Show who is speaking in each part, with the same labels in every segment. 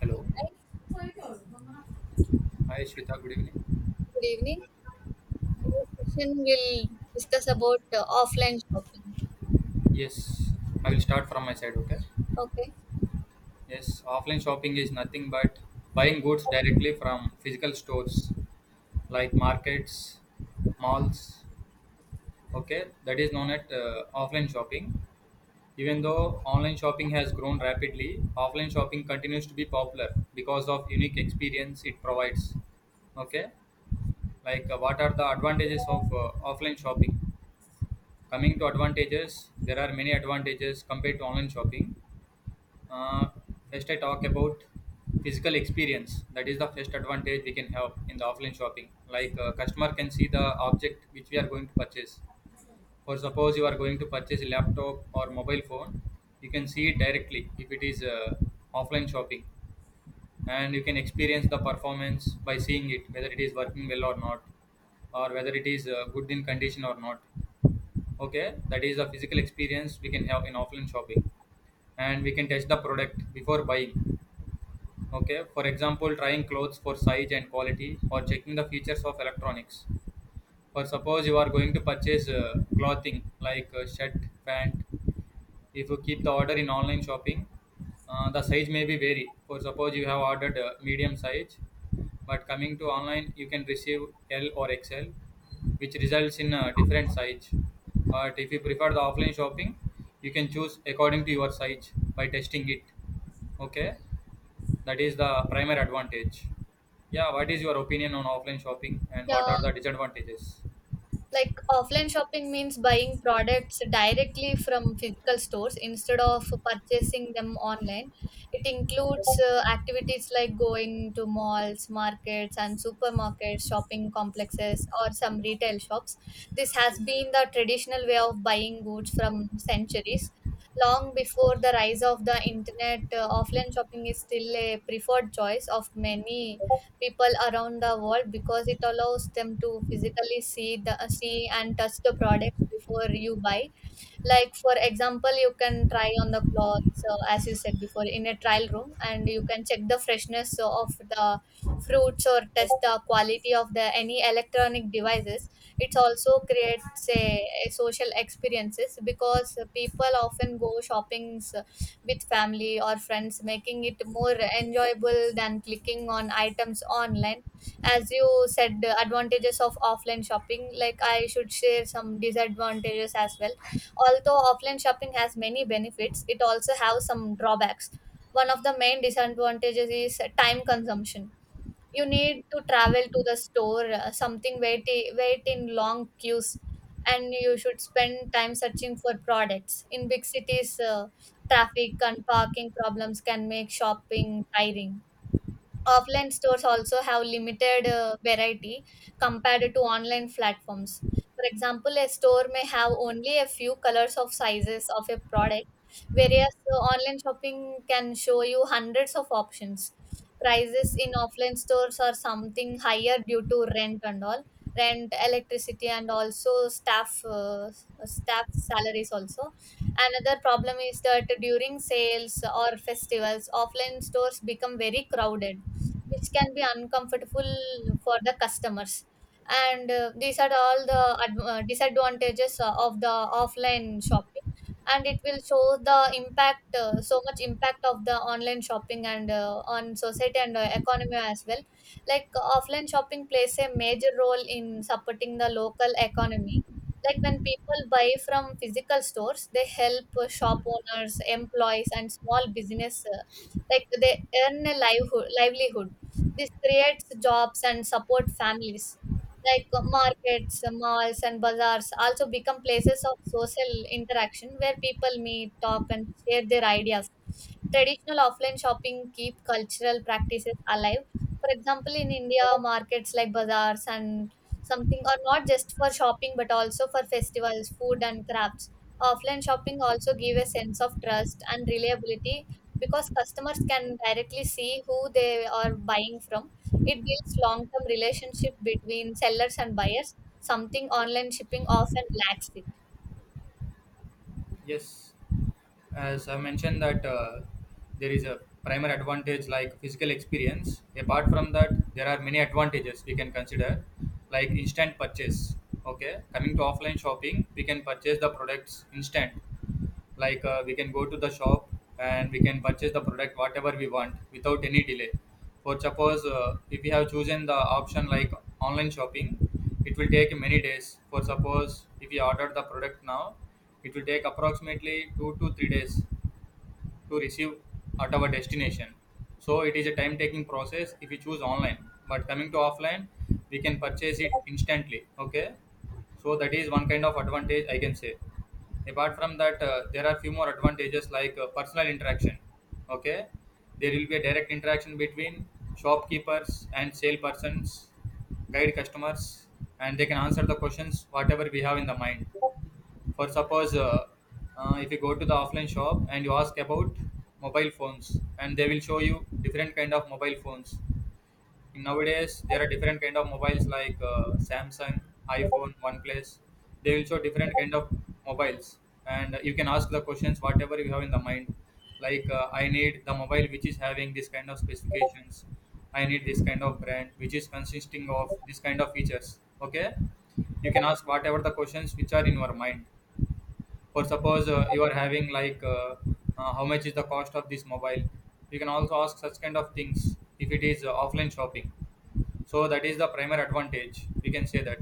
Speaker 1: Hello. Hi, Shweta. Good evening.
Speaker 2: Good evening. In this session, we'll discuss about offline shopping.
Speaker 1: Yes, I will start from my side. Okay.
Speaker 2: Okay.
Speaker 1: Yes, offline shopping is nothing but buying goods directly from physical stores like markets, malls. Okay, that is known as offline shopping. Even though online shopping has grown rapidly, offline shopping continues to be popular because of unique experience it provides. Okay, like what are the advantages of offline shopping? Coming to advantages, there are many advantages compared to online shopping. Uh, First, I talk about physical experience. That is the first advantage we can have in the offline shopping. Like customer can see the object which we are going to purchase. For suppose you are going to purchase a laptop or mobile phone, you can see it directly if it is offline shopping, and you can experience the performance by seeing it whether it is working well or not, or whether it is good in condition or not. Okay, that is the physical experience we can have in offline shopping, and we can test the product before buying. Okay, for example, trying clothes for size and quality or checking the features of electronics. For suppose you are going to purchase clothing like shirt, pant. If you keep the order in online shopping, the size may be vary. For suppose you have ordered medium size, but coming to online you can receive l or xl, which results in a different size. But if you prefer the offline shopping, you can choose according to your size by testing it. Okay, that is the primary advantage. Yeah, what is your opinion on offline shopping and what
Speaker 2: Yeah,
Speaker 1: are the disadvantages?
Speaker 2: Like offline shopping means buying products directly from physical stores instead of purchasing them online. It includes activities like going to malls, markets, and supermarkets, shopping complexes, or some retail shops. This has been the traditional way of buying goods from centuries. Long before the rise of the internet, offline shopping is still a preferred choice of many people around the world because it allows them to physically see and touch the products before you buy, like for example you can try on the clothes, as you said before, in a trial room, and you can check the freshness of the fruits or test the quality of the any electronic devices. It also creates a social experiences because people often go shopping with family or friends, making it more enjoyable than clicking on items online. As you said, the advantages of offline shopping, like I should share some disadvantages as well. Although offline shopping has many benefits, it also has some drawbacks. One of the main disadvantages is time consumption. You need to travel to the store, wait in long queues, and you should spend time searching for products in big cities. Traffic and parking problems can make shopping tiring. Offline stores also have limited variety compared to online platforms. For example, a store may have only a few colors of sizes of a product, whereas online shopping can show you hundreds of options. Prices in offline stores are something higher due to rent and all, rent, electricity, and also staff salaries also. Another problem is that during sales or festivals, offline stores become very crowded, which can be uncomfortable for the customers. And these are all the disadvantages of the offline shopping, and it will show the impact, so much impact, of the online shopping and on society and economy as well. Like, offline shopping plays a major role in supporting the local economy. Like when people buy from physical stores, they help shop owners, employees, and small business, like they earn a livelihood. This creates jobs and support families. Like markets, malls, and bazaars also become places of social interaction where people meet, talk, and share their ideas. Traditional offline shopping keep cultural practices alive. For example, in India, markets like bazaars and something are not just for shopping but also for festivals, food, and crafts. Offline shopping also give a sense of trust and reliability because customers can directly see who they are buying from. It builds long term relationship between sellers and buyers, something online shipping often lacks it.
Speaker 1: Yes, as I mentioned that there is a primer advantage like physical experience. Apart from that, there are many advantages we can consider, like instant purchase. Okay, coming to offline shopping, we can purchase the products instant. Like we can go to the shop and we can purchase the product whatever we want without any delay. For suppose if we have chosen the option like online shopping, it will take many days. For suppose if we order the product now, it will take approximately 2 to 3 days to receive at our destination. So it is a time taking process if you choose online. But coming to offline, we can purchase it instantly. Okay, so that is one kind of advantage I can say. Apart from that, there are few more advantages like personal interaction. Okay, there will be a direct interaction between shopkeepers and salespersons, guide customers, and they can answer the questions whatever we have in the mind. For suppose if you go to the offline shop and you ask about mobile phones, and they will show you different kind of mobile phones. Nowadays there are different kind of mobiles like Samsung, iPhone, OnePlus. They will show different kind of mobiles, and you can ask the questions whatever you have in the mind. Like I need the mobile which is having this kind of specifications. I need this kind of brand which is consisting of this kind of features. Okay, you can ask whatever the questions which are in your mind. For suppose you are having like how much is the cost of this mobile. You can also ask such kind of things if it is offline shopping. So that is the primary advantage, we can say that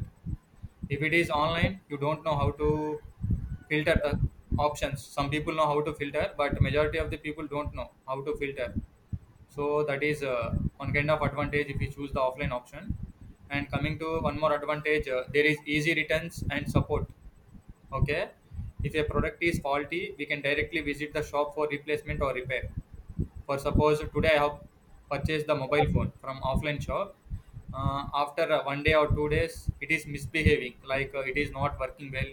Speaker 1: if it is online you don't know how to filter the options. Some people know how to filter, but majority of the people don't know how to filter. So that is one kind of advantage if you choose the offline option. And coming to one more advantage, there is easy returns and support. Okay, if a product is faulty, we can directly visit the shop for replacement or repair. For suppose today I have purchased the mobile phone from offline shop. After one day or 2 days, it is misbehaving, like it is not working well,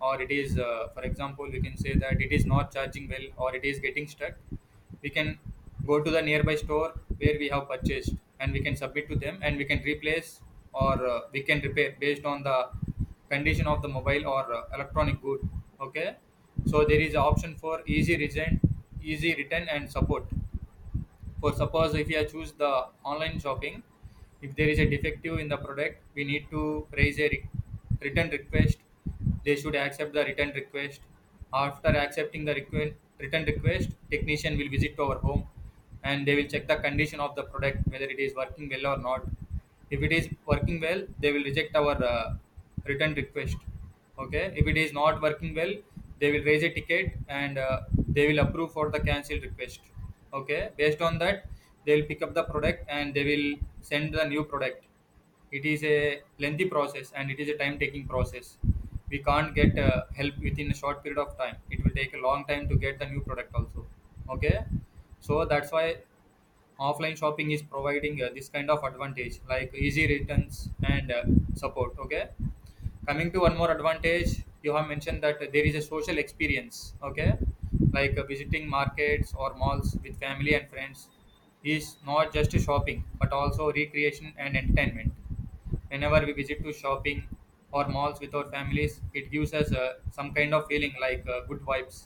Speaker 1: or it is, for example, we can say that it is not charging well, or it is getting stuck. We can go to the nearby store where we have purchased, and we can submit to them, and we can replace or we can repair based on the condition of the mobile or electronic good. Okay, so there is option for easy return and support. For suppose if you choose the online shopping, if there is a defective in the product, we need to raise a return request. They should accept the return request. After accepting the return request, technician will visit to our home, and they will check the condition of the product whether it is working well or not. If it is working well, they will reject our return request. Okay, if it is not working well, they will raise a ticket, and they will approve for the cancel request. Okay, based on that, they will pick up the product and they will send the new product. It is a lengthy process and it is a time taking process. We can't get help within a short period of time. It will take a long time to get the new product also. Okay, so that's why offline shopping is providing this kind of advantage, like easy returns and support. Okay, coming to one more advantage, you have mentioned that there is a social experience. Okay, like visiting markets or malls with family and friends is not just shopping but also recreation and entertainment. Whenever we visit to shopping or malls with our families, it gives us some kind of feeling like good vibes,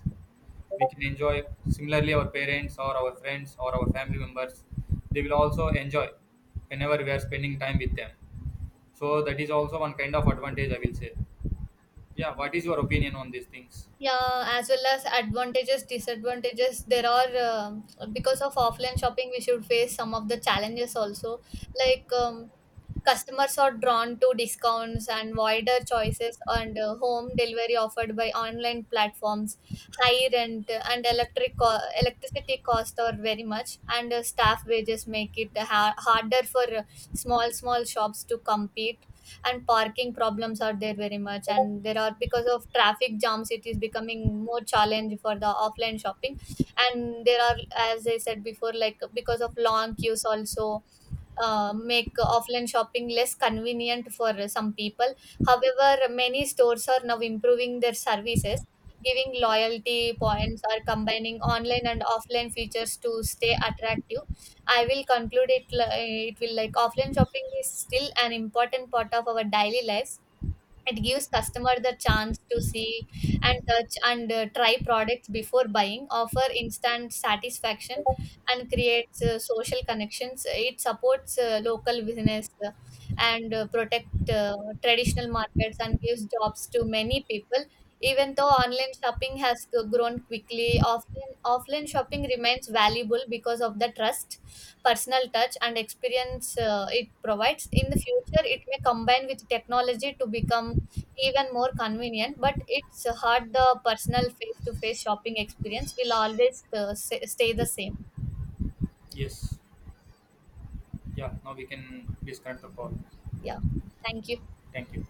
Speaker 1: we can enjoy. Similarly, our parents or our friends or our family members, they will also enjoy whenever we are spending time with them. So that is also one kind of advantage, I will say. Yeah, what is your opinion on these things?
Speaker 2: Yeah, as well as advantages, disadvantages. There are because of offline shopping, we should face some of the challenges also. Like customers are drawn to discounts and wider choices, and home delivery offered by online platforms. High rent and electricity cost are very much, and staff wages make it harder for small shops to compete. And parking problems are there very much, and there are, because of traffic jams, it is becoming more challenge for the offline shopping. And there are, as I said before, like because of long queues also, make offline shopping less convenient for some people. However, many stores are now improving their services, giving loyalty points or combining online and offline features to stay attractive. I will conclude it. Li- It will like Offline shopping is still an important part of our daily lives. It gives customer the chance to see and touch and try products before buying, offer instant satisfaction, and creates social connections. It supports local business, and protect traditional markets and gives jobs to many people. Even though online shopping has grown quickly, offline shopping remains valuable because of the trust, personal touch, and experience it provides. In the future, it may combine with technology to become even more convenient, but it's hard the personal face to face shopping experience will always stay the same.
Speaker 1: Yes. Yeah, now we can disconnect the call.
Speaker 2: Yeah. Thank you.
Speaker 1: Thank you.